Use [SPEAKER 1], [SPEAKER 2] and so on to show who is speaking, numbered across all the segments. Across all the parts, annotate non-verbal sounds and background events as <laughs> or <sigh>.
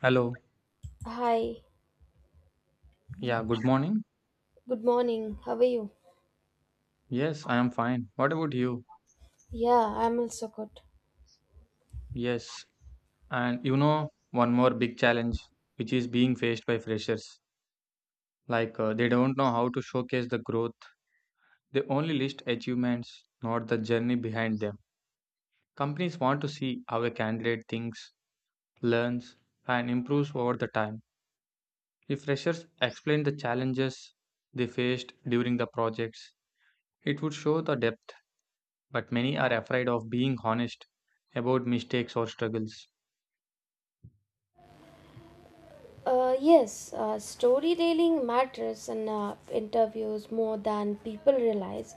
[SPEAKER 1] Hello.
[SPEAKER 2] Hi,
[SPEAKER 1] Yeah, good morning.
[SPEAKER 2] good morning. How are you?
[SPEAKER 1] Yes, I am fine. What about you?
[SPEAKER 2] Yeah, I'm also good.
[SPEAKER 1] Yes. And you know, one more big challenge which is being faced by freshers. They don't know how to showcase the growth. They only list achievements, not the journey behind them. Companies want to see how a candidate thinks, learns, and improves over the time. If freshers explain the challenges they faced during the projects, it would show the depth, but many are afraid of being honest about mistakes or struggles.
[SPEAKER 2] Yes, Storytelling matters in interviews more than people realize.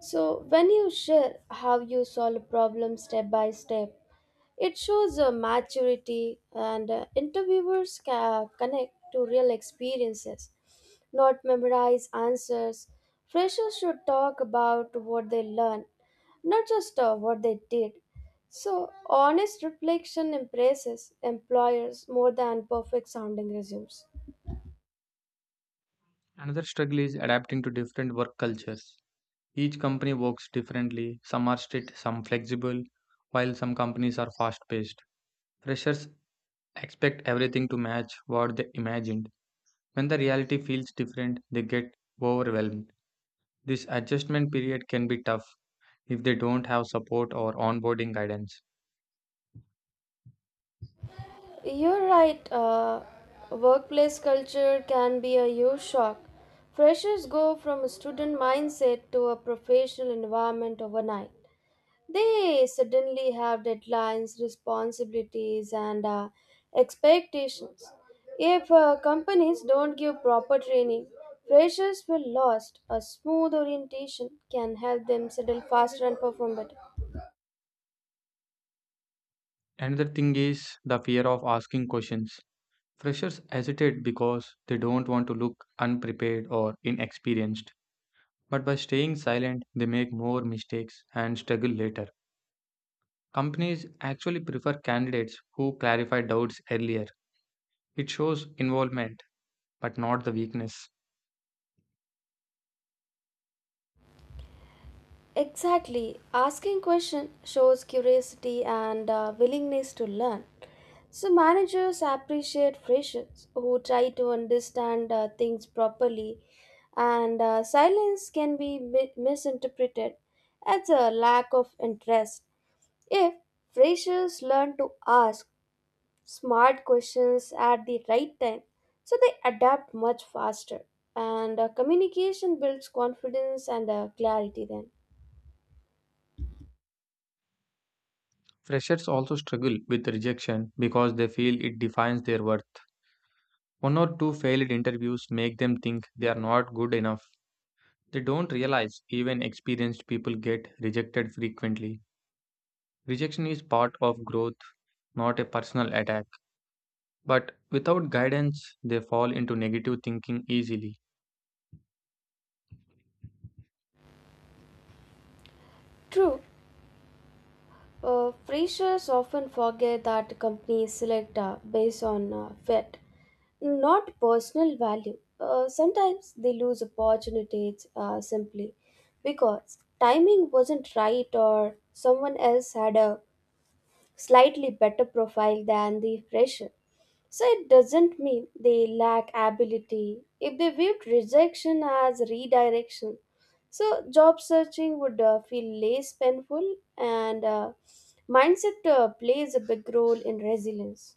[SPEAKER 2] So, when you share how you solve a problem step by step, it shows a maturity, and connect to real experiences, not memorize answers. Freshers should talk about what they learned, not just what they did. So, honest reflection impresses employers more than perfect sounding resumes.
[SPEAKER 1] Another struggle is adapting to different work cultures. Each company works differently, some are strict, some flexible, while some companies are fast paced. Freshers expect everything to match what they imagined. When the reality feels different, they get overwhelmed. This adjustment period can be tough if they don't have support or onboarding guidance.
[SPEAKER 2] You're right. Workplace culture can be a huge shock. Freshers go from a student mindset to a professional environment overnight. They suddenly have deadlines, responsibilities, and expectations. If companies don't give proper training, freshers will lost. A smooth orientation can help them settle faster and perform better.
[SPEAKER 1] Another thing is the fear of asking questions. Freshers hesitate because they don't want to look unprepared or inexperienced. But by staying silent, they make more mistakes and struggle later. Companies actually prefer candidates who clarify doubts earlier. It shows involvement, but not the weakness.
[SPEAKER 2] Exactly. Asking question shows curiosity and willingness to learn. So managers appreciate freshers who try to understand things properly, and silence can be mi- misinterpreted as a lack of interest. If freshers learn to ask smart questions at the right time, so they adapt much faster, and communication builds confidence and clarity. Then.
[SPEAKER 1] Freshers also struggle with rejection because they feel it defines their worth. One or two failed interviews make them think they are not good enough. They don't realize even experienced people get rejected frequently. Rejection is part of growth, not a personal attack. But without guidance, they fall into negative thinking easily.
[SPEAKER 2] True. Freshers often forget that companies select based on fit, not personal value. Sometimes they lose opportunities simply because timing wasn't right or someone else had a slightly better profile than the fresher. So it doesn't mean they lack ability if they viewed rejection as redirection. So job searching would feel less painful and mindset plays a big role in resilience.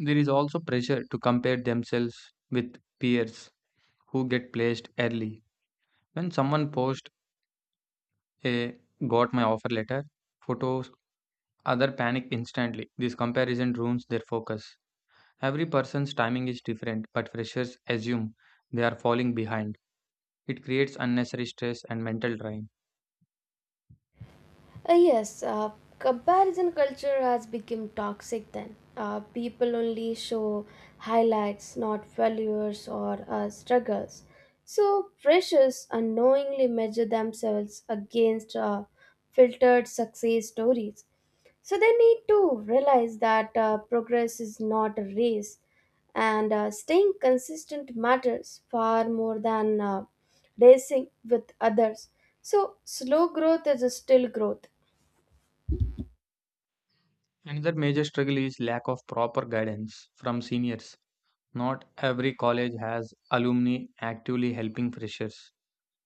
[SPEAKER 1] There is also pressure to compare themselves with peers who get placed early. When someone posts a "got my offer letter" photos, other panic instantly. This comparison ruins their focus. Every person's timing is different, but freshers assume they are falling behind. It creates unnecessary stress and mental drain.
[SPEAKER 2] Uh, yes, uh, Comparison culture has become toxic then. People only show highlights, not failures or struggles. So, freshers unknowingly measure themselves against filtered success stories. So, they need to realize that progress is not a race and staying consistent matters far more than racing with others. So, slow growth is still growth.
[SPEAKER 1] Another major struggle is lack of proper guidance from seniors. Not every college has alumni actively helping freshers.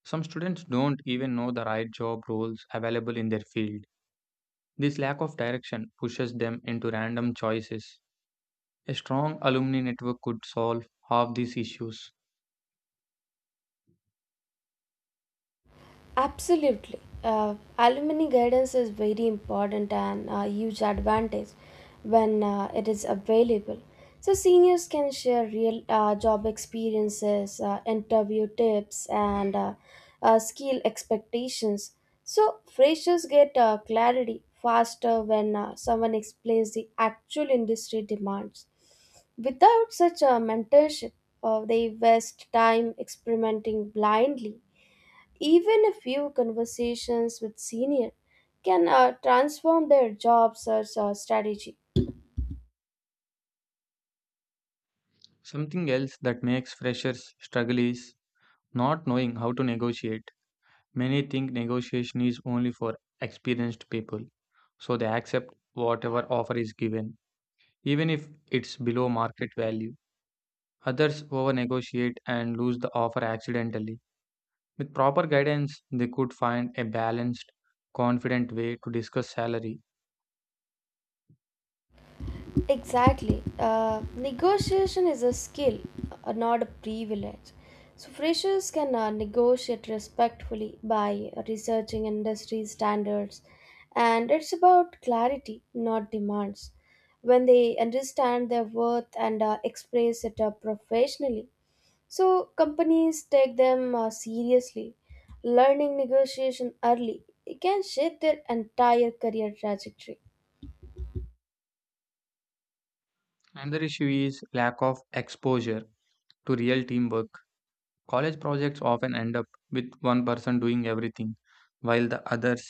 [SPEAKER 1] Some students don't even know the right job roles available in their field. This lack of direction pushes them into random choices. A strong alumni network could solve half these issues.
[SPEAKER 2] Absolutely. Alumni guidance is very important and a huge advantage when it is available. So, seniors can share real job experiences, interview tips, and skill expectations. So, freshers get clarity faster when someone explains the actual industry demands. Without such a mentorship, they waste time experimenting blindly. Even a few conversations with senior can transform their job search strategy.
[SPEAKER 1] Something else that makes freshers struggle is not knowing how to negotiate. Many think negotiation is only for experienced people, so they accept whatever offer is given, even if it's below market value. Others over negotiate and lose the offer accidentally. With proper guidance, they could find a balanced, confident way to discuss salary.
[SPEAKER 2] Exactly. Negotiation is a skill, not a privilege. So freshers can negotiate respectfully by researching industry standards, and it's about clarity, not demands. When they understand their worth and express it professionally, so companies take them seriously. Learning negotiation early can shape their entire career trajectory.
[SPEAKER 1] Another issue is lack of exposure to real teamwork. College projects often end up with one person doing everything, while the others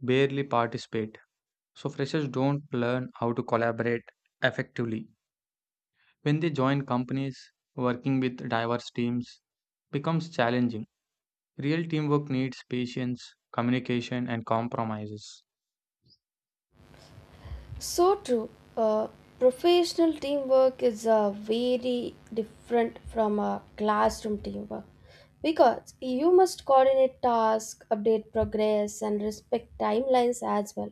[SPEAKER 1] barely participate. So freshers don't learn how to collaborate effectively. When they join companies, working with diverse teams becomes challenging. Real teamwork needs patience, communication, and compromises.
[SPEAKER 2] So true. Uh, Professional teamwork is very different from classroom teamwork because you must coordinate tasks, update progress, and respect timelines as well.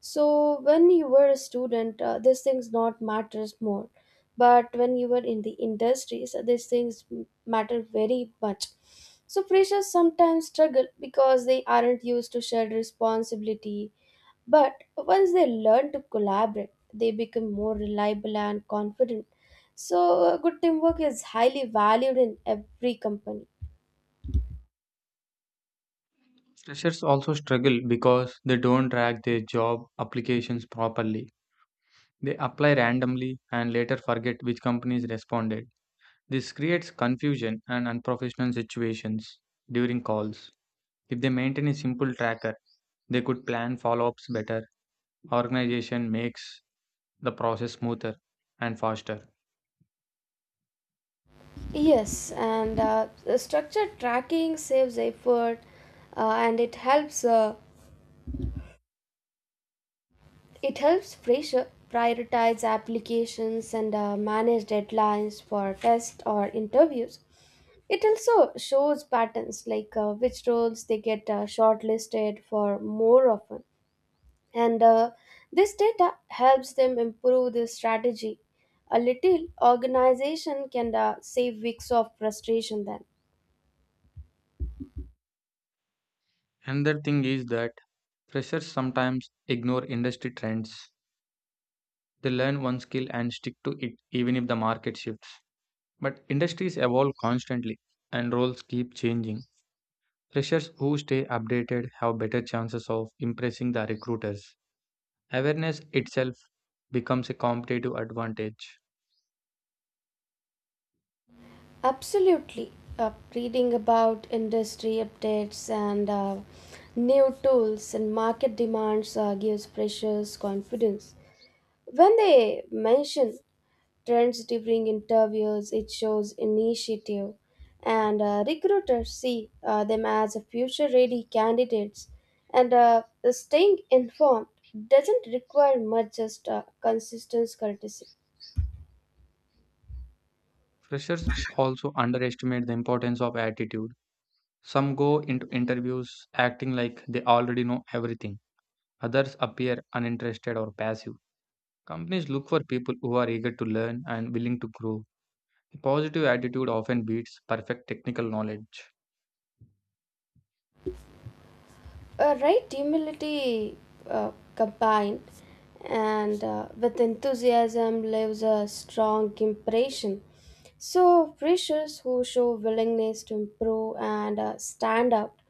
[SPEAKER 2] So when you were a student, these things not matters more, but when you were in the industries, matter very much. So freshers sometimes struggle because they aren't used to shared responsibility. But once they learn to collaborate, they become more reliable and confident. So good teamwork is highly valued in every company.
[SPEAKER 1] Freshers also struggle because they don't track their job applications properly. They apply randomly and later forget which companies responded. This creates confusion and unprofessional situations during calls. If they maintain a simple tracker, they could plan follow ups better. Organization makes the process smoother and faster.
[SPEAKER 2] Yes, and the structured tracking saves effort, and it helps. It helps Fraser prioritize applications and manage deadlines for tests or interviews. It also shows patterns like which roles they get shortlisted for more often. And this data helps them improve their strategy. A little organization can save weeks of frustration then.
[SPEAKER 1] Another thing is that freshers sometimes ignore industry trends. They learn one skill and stick to it even if the market shifts. But industries evolve constantly and roles keep changing. Freshers who stay updated have better chances of impressing the recruiters. Awareness itself becomes a competitive advantage.
[SPEAKER 2] Absolutely. Reading about industry updates and new tools and market demands gives freshers confidence. When they mention trends during interviews, it shows initiative, and recruiters see them as a future ready candidates. And staying informed doesn't require much, just consistent courtesy.
[SPEAKER 1] Freshers also underestimate the importance of attitude. Some go into interviews acting like they already know everything, others appear uninterested or passive. Companies look for people who are eager to learn and willing to grow. A positive attitude often beats perfect technical knowledge.
[SPEAKER 2] A right humility combined and with enthusiasm leaves a strong impression. So, freshers who show willingness to improve and stand out,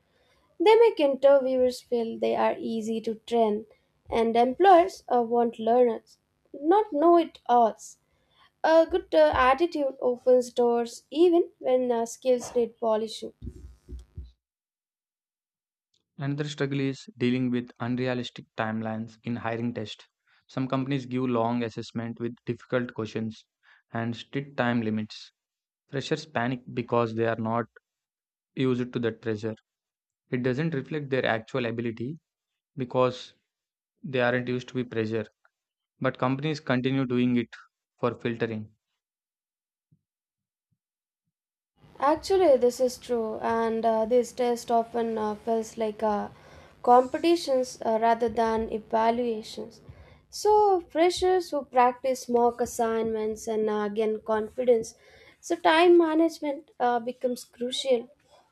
[SPEAKER 2] they make interviewers feel they are easy to train, and employers want learners, not know it alls. A good attitude opens doors even when skills need polishing.
[SPEAKER 1] Another struggle is dealing with unrealistic timelines in hiring tests. Some companies give long assessment with difficult questions and strict time limits. Freshers panic because they are not used to that pressure. It doesn't reflect their actual ability because they aren't used to be pressure, but companies continue doing it for filtering.
[SPEAKER 2] Actually, this is true, and this test often feels like competitions rather than evaluations. So, freshers who practice mock assignments and gain confidence, so time management becomes crucial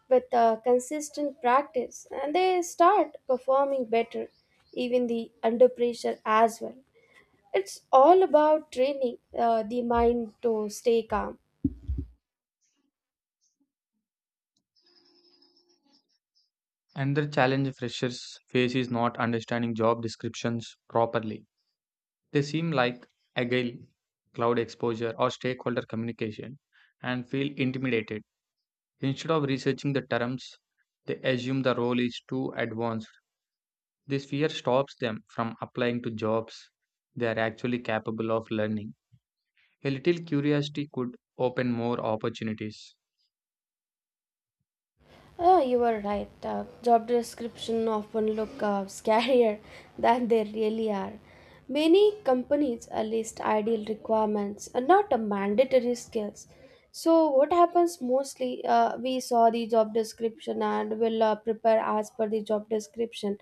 [SPEAKER 2] with consistent practice, and they start performing better, even the under pressure as well. It's all about training the mind to stay calm.
[SPEAKER 1] Another challenge freshers face is not understanding job descriptions properly. They seem like agile, cloud exposure, or stakeholder communication and feel intimidated. Instead of researching the terms, they assume the role is too advanced. This fear stops them from applying to jobs they are actually capable of learning. A little curiosity could open more opportunities.
[SPEAKER 2] Oh, you were right. Job description often look <laughs> scarier than they really are. Many companies list ideal requirements and not a mandatory skills. So what happens mostly, we saw the job description and will prepare as per the job description.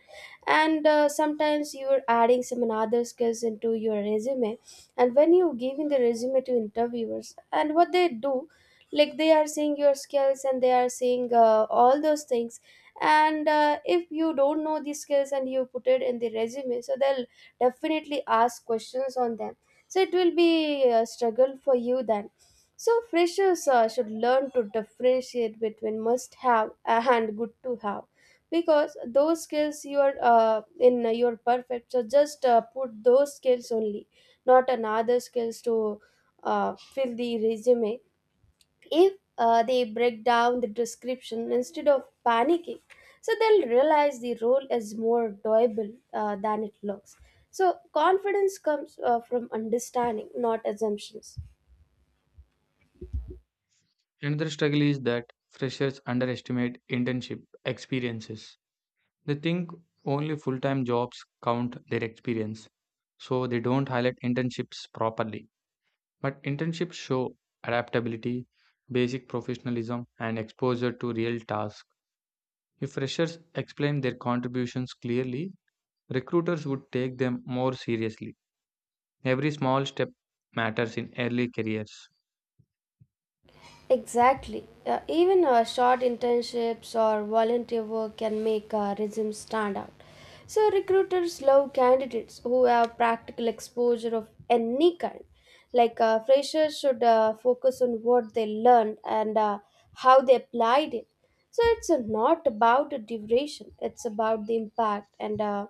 [SPEAKER 2] And sometimes you're adding some other skills into your resume. And when you giving the resume to interviewers, and what they do, like they are seeing your skills and they are seeing all those things. And if you don't know these skills and you put it in the resume, so they'll definitely ask questions on them, so it will be a struggle for you then. So freshers should learn to differentiate between must have and good to have, because those skills you are in your perfect, so just put those skills only, not another skills to fill the resume. If they break down the description instead of panicking, so they'll realize the role is more doable than it looks. So confidence comes from understanding, not assumptions.
[SPEAKER 1] Another struggle is that freshers underestimate internship experiences. They think only full time jobs count their experience, so they don't highlight internships properly. But internships show adaptability, basic professionalism, and exposure to real tasks. If freshers explain their contributions clearly, recruiters would take them more seriously. Every small step matters in early careers.
[SPEAKER 2] Exactly. Even short internships or volunteer work can make resumes stand out. So recruiters love candidates who have practical exposure of any kind. Like freshers should focus on what they learned and how they applied it. So it's not about the duration; it's about the impact. And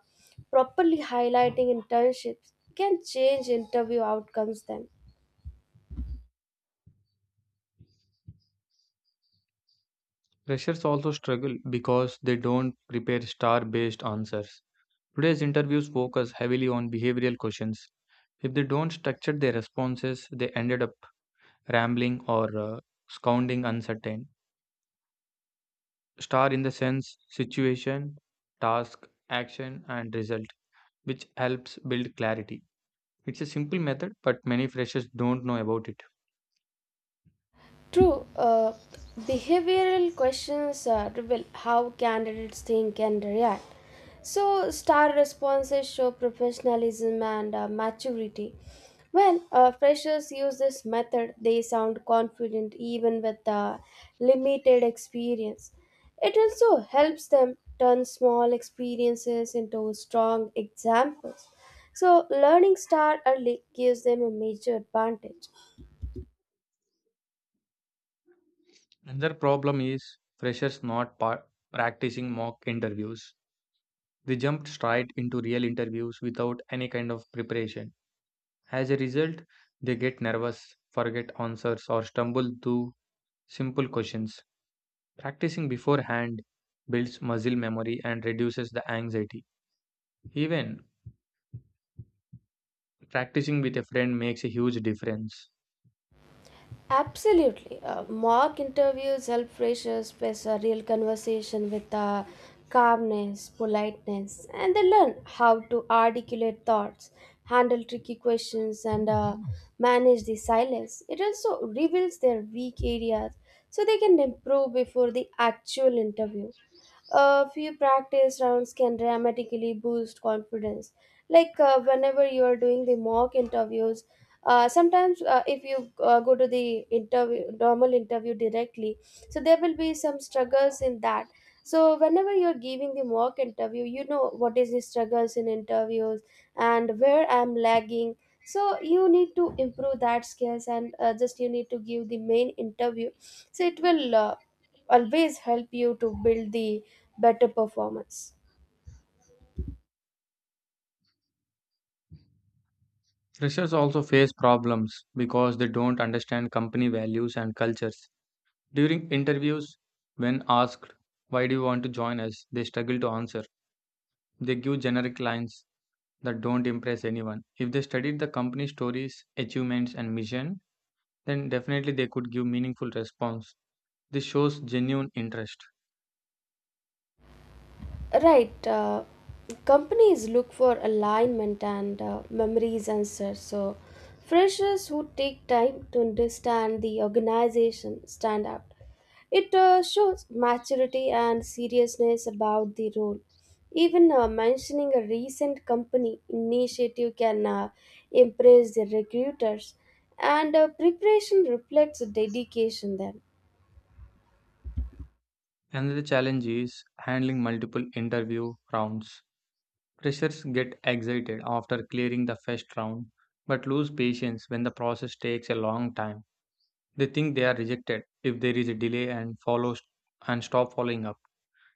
[SPEAKER 2] properly highlighting internships can change interview outcomes. Then.
[SPEAKER 1] Freshers also struggle because they don't prepare star based answers. Today's interviews focus heavily on behavioral questions. If they don't structure their responses, they ended up rambling or sounding uncertain. Star in the sense situation, task, action, and result, which helps build clarity. It's a simple method, but many freshers don't know about it.
[SPEAKER 2] True. Behavioral questions reveal how candidates think and react. So, star responses show professionalism and maturity. When freshers use this method, they sound confident even with limited experience. It also helps them turn small experiences into strong examples. So, learning star early gives them a major advantage.
[SPEAKER 1] Another problem is freshers not practicing mock interviews. They jumped straight into real interviews without any kind of preparation. As a result, they get nervous, forget answers, or stumble through simple questions. Practicing beforehand builds muscle memory and reduces the anxiety. Even practicing with a friend makes a huge difference.
[SPEAKER 2] Absolutely. Mock interviews help freshers face a real conversation with calmness, politeness, and they learn how to articulate thoughts, handle tricky questions, and manage the silence. It also reveals their weak areas so they can improve before the actual interview. A few practice rounds can dramatically boost confidence. Like whenever you are doing the mock interviews, sometimes if you go to the interview, normal interview directly, so there will be some struggles in that. So whenever you're giving the mock interview, you know what is the struggles in interviews and where I'm lagging, so you need to improve that skills, and just you need to give the main interview, so it will always help you to build the better performance.
[SPEAKER 1] Freshers also face problems because they don't understand company values and cultures. During interviews, when asked, "Why do you want to join us?" they struggle to answer. They give generic lines that don't impress anyone. If they studied the company's stories, achievements, and mission, then definitely they could give meaningful response. This shows genuine interest.
[SPEAKER 2] Right, companies look for alignment and memories answer. So freshers who take time to understand the organization stand out. It shows maturity and seriousness about the role. Even mentioning a recent company initiative can impress the recruiters, and preparation reflects dedication then.
[SPEAKER 1] Another challenge is handling multiple interview rounds. Freshers get excited after clearing the first round, but lose patience when the process takes a long time. They think they are rejected if there is a delay and follow, and stop following up.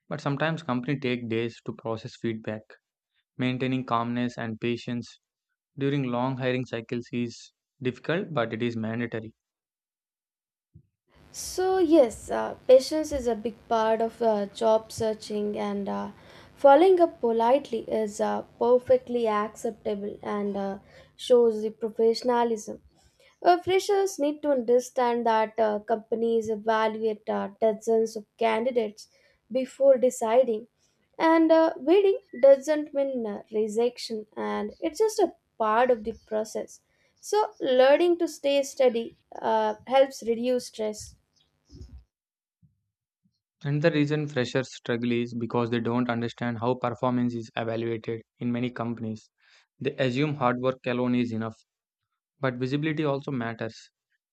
[SPEAKER 1] But sometimes companies take days to process feedback. Maintaining calmness and patience during long hiring cycles is difficult but it is mandatory.
[SPEAKER 2] So, yes, patience is a big part of job searching, and following up politely is perfectly acceptable and shows the professionalism. Freshers need to understand that companies evaluate dozens of candidates before deciding, and waiting doesn't mean rejection, and it's just a part of the process. So, learning to stay steady helps reduce stress.
[SPEAKER 1] And the reason freshers struggle is because they don't understand how performance is evaluated in many companies. They assume hard work alone is enough, but visibility also matters.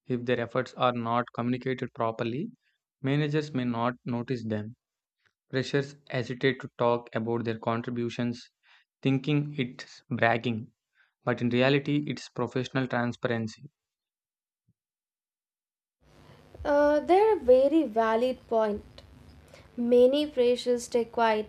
[SPEAKER 1] If their efforts are not communicated properly, managers may not notice them. Freshers hesitate to talk about their contributions, thinking it's bragging, but in reality, it's professional transparency.
[SPEAKER 2] They're a very valid point. Many freshers stay quiet,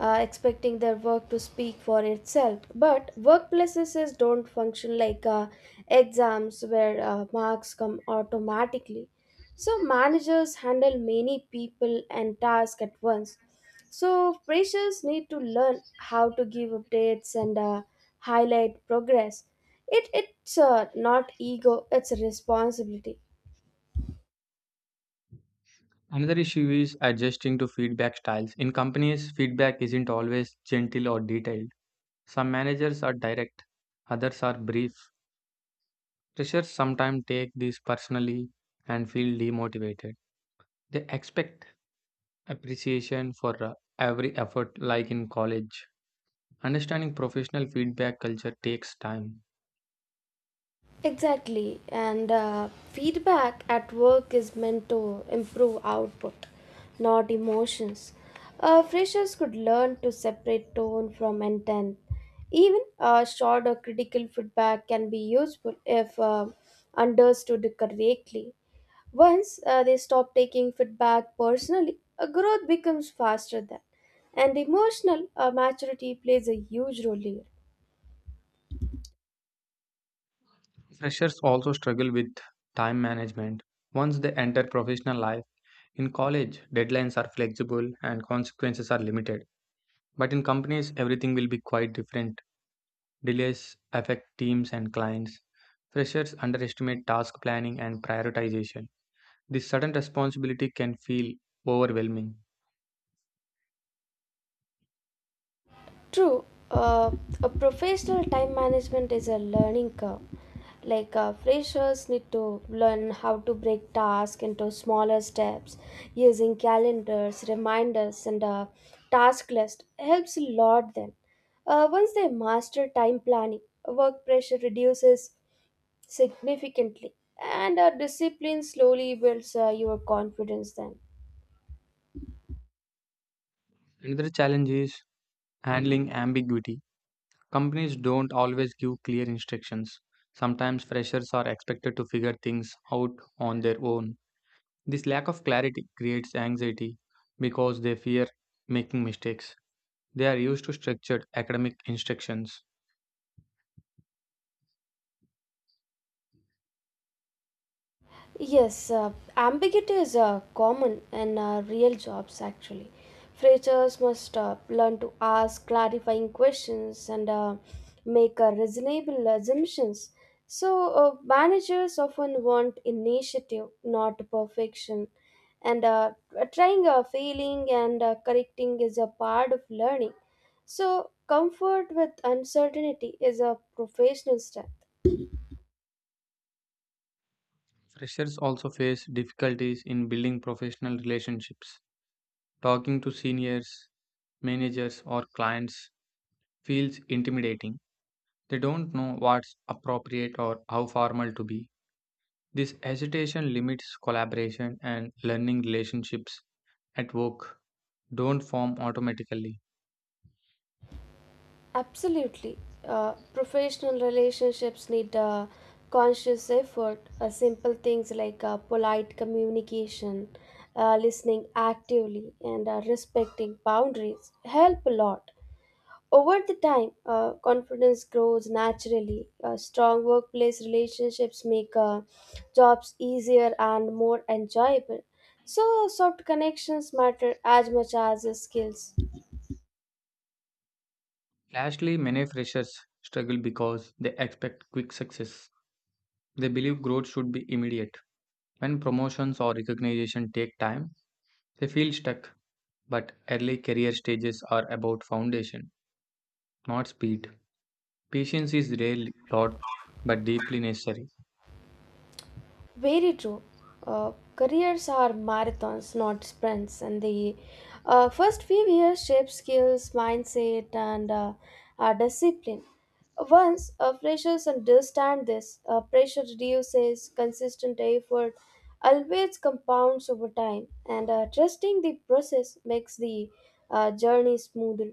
[SPEAKER 2] expecting their work to speak for itself. But workplaces don't function like exams where marks come automatically. So managers handle many people and tasks at once. So freshers need to learn how to give updates and highlight progress. It's not ego, it's a responsibility.
[SPEAKER 1] Another issue is adjusting to feedback styles. In companies, feedback isn't always gentle or detailed. Some managers are direct, others are brief. Freshers sometimes take this personally and feel demotivated. They expect appreciation for every effort, like in college. Understanding professional feedback culture takes time.
[SPEAKER 2] Exactly, and feedback at work is meant to improve output, not emotions. Freshers could learn to separate tone from intent. Even short or critical feedback can be useful if understood correctly. Once they stop taking feedback personally, growth becomes faster than. And emotional maturity plays a huge role here.
[SPEAKER 1] Freshers also struggle with time management. Once they enter professional life, in college, deadlines are flexible and consequences are limited. But in companies, everything will be quite different. Delays affect teams and clients. Freshers underestimate task planning and prioritization. This sudden responsibility can feel overwhelming.
[SPEAKER 2] True, a professional time management is a learning curve. Like freshers need to learn how to break tasks into smaller steps using calendars, reminders, and a task list helps a lot. Then, once they master time planning, work pressure reduces significantly, and discipline slowly builds your confidence. Then.
[SPEAKER 1] Another challenge is handling ambiguity. Companies don't always give clear instructions. Sometimes freshers are expected to figure things out on their own. This lack of clarity creates anxiety because they fear making mistakes. They are used to structured academic instructions.
[SPEAKER 2] Yes, ambiguity is common in real jobs actually. Freshers must learn to ask clarifying questions and make reasonable assumptions. So, managers often want initiative, not perfection. And trying, failing, and correcting is a part of learning. So, comfort with uncertainty is a professional style.
[SPEAKER 1] Freshers also face difficulties in building professional relationships. Talking to seniors, managers, or clients feels intimidating. They don't know what's appropriate or how formal to be. This hesitation limits collaboration and learning relationships at work don't form automatically.
[SPEAKER 2] Absolutely. Professional relationships need conscious effort. Simple things like polite communication, listening actively, and respecting boundaries help a lot. Over the time, confidence grows naturally. Strong workplace relationships make jobs easier and more enjoyable. So, soft connections matter as much as skills.
[SPEAKER 1] Lastly, many freshers struggle because they expect quick success. They believe growth should be immediate. When promotions or recognition take time, they feel stuck. But early career stages are about foundation, not speed. Patience is rarely taught but deeply necessary.
[SPEAKER 2] Very true. Careers are marathons, not sprints, and the first few years shape skills, mindset, and discipline. Once freshers understand this, pressure reduces, consistent effort always compounds over time, and trusting the process makes the journey smoother.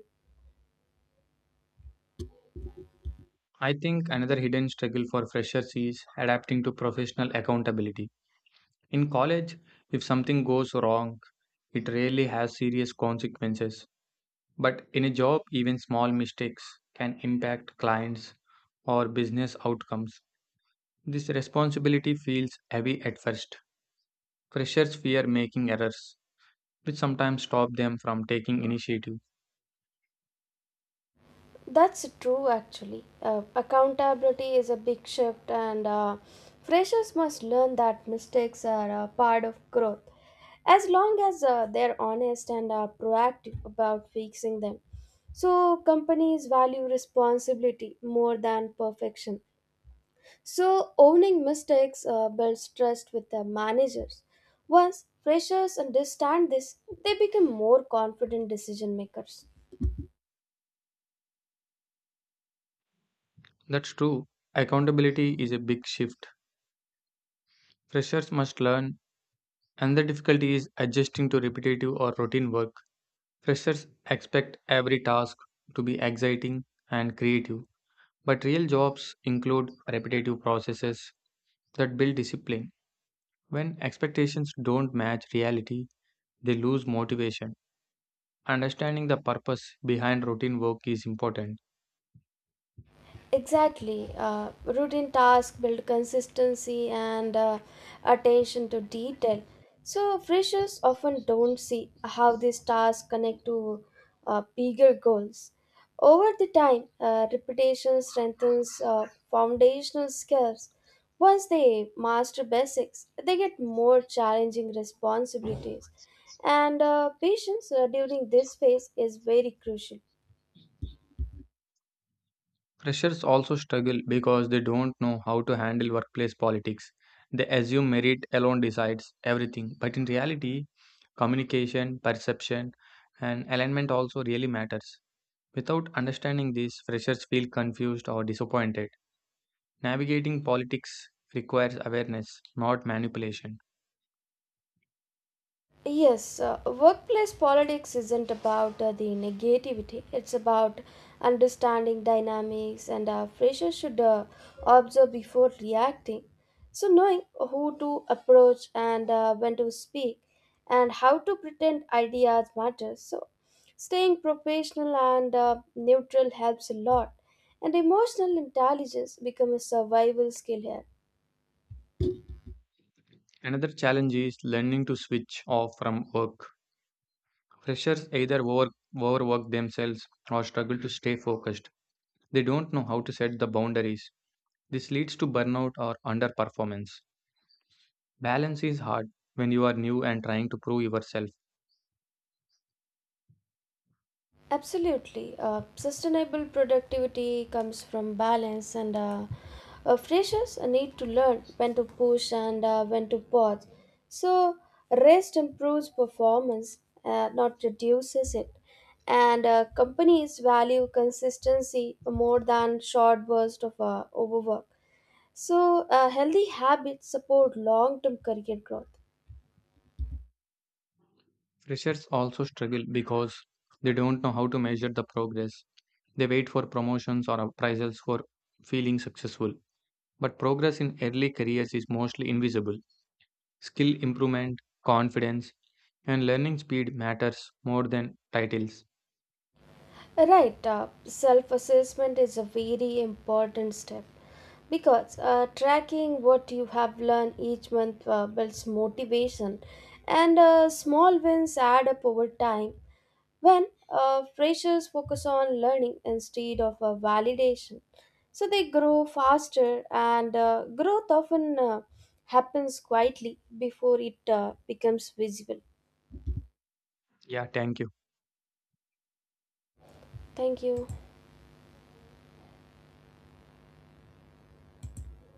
[SPEAKER 1] I think another hidden struggle for freshers is adapting to professional accountability. In college, if something goes wrong, it rarely has serious consequences. But in a job, even small mistakes can impact clients or business outcomes. This responsibility feels heavy at first. Freshers fear making errors, which sometimes stop them from taking initiative.
[SPEAKER 2] That's true, actually. Accountability is a big shift, and freshers must learn that mistakes are a part of growth. As long as they're honest and are proactive about fixing them. So, companies value responsibility more than perfection. So, owning mistakes builds trust with the managers. Once freshers understand this, they become more confident decision makers.
[SPEAKER 1] That's true. Accountability is a big shift. Freshers must learn, and the difficulty is adjusting to repetitive or routine work. Freshers expect every task to be exciting and creative, but real jobs include repetitive processes that build discipline. When expectations don't match reality, they lose motivation. Understanding the purpose behind routine work is important.
[SPEAKER 2] Exactly. Routine tasks build consistency and attention to detail. So, freshers often don't see how these tasks connect to bigger goals. Over the time, repetition strengthens foundational skills. Once they master basics, they get more challenging responsibilities. And patience during this phase is very crucial.
[SPEAKER 1] Freshers also struggle because they don't know how to handle workplace politics. They assume merit alone decides everything, but in reality, communication, perception, and alignment also really matters. Without understanding this, freshers feel confused or disappointed. Navigating politics requires awareness, not manipulation.
[SPEAKER 2] Yes, workplace politics isn't about the negativity, it's about understanding dynamics, and freshers should observe before reacting. So, knowing who to approach and when to speak, and how to pretend ideas matters. So, staying professional and neutral helps a lot, and emotional intelligence becomes a survival skill here.
[SPEAKER 1] Another challenge is learning to switch off from work. Freshers either overwork themselves or struggle to stay focused. They don't know how to set the boundaries. This leads to burnout or underperformance. Balance is hard when you are new and trying to prove yourself.
[SPEAKER 2] Absolutely. Sustainable productivity comes from balance and freshers need to learn when to push and when to pause. So, rest improves performance, not reduces it. And companies value consistency more than short bursts of overwork. So, healthy habits support long term career growth.
[SPEAKER 1] Freshers also struggle because they don't know how to measure the progress. They wait for promotions or appraisals for feeling successful. But progress in early careers is mostly invisible. Skill improvement, confidence, and learning speed matters more than titles.
[SPEAKER 2] Right, self assessment is a very important step because tracking what you have learned each month builds motivation and small wins add up over time when freshers focus on learning instead of validation. So they grow faster, and growth often happens quietly before it becomes visible.
[SPEAKER 1] Yeah, thank you.
[SPEAKER 2] Thank you.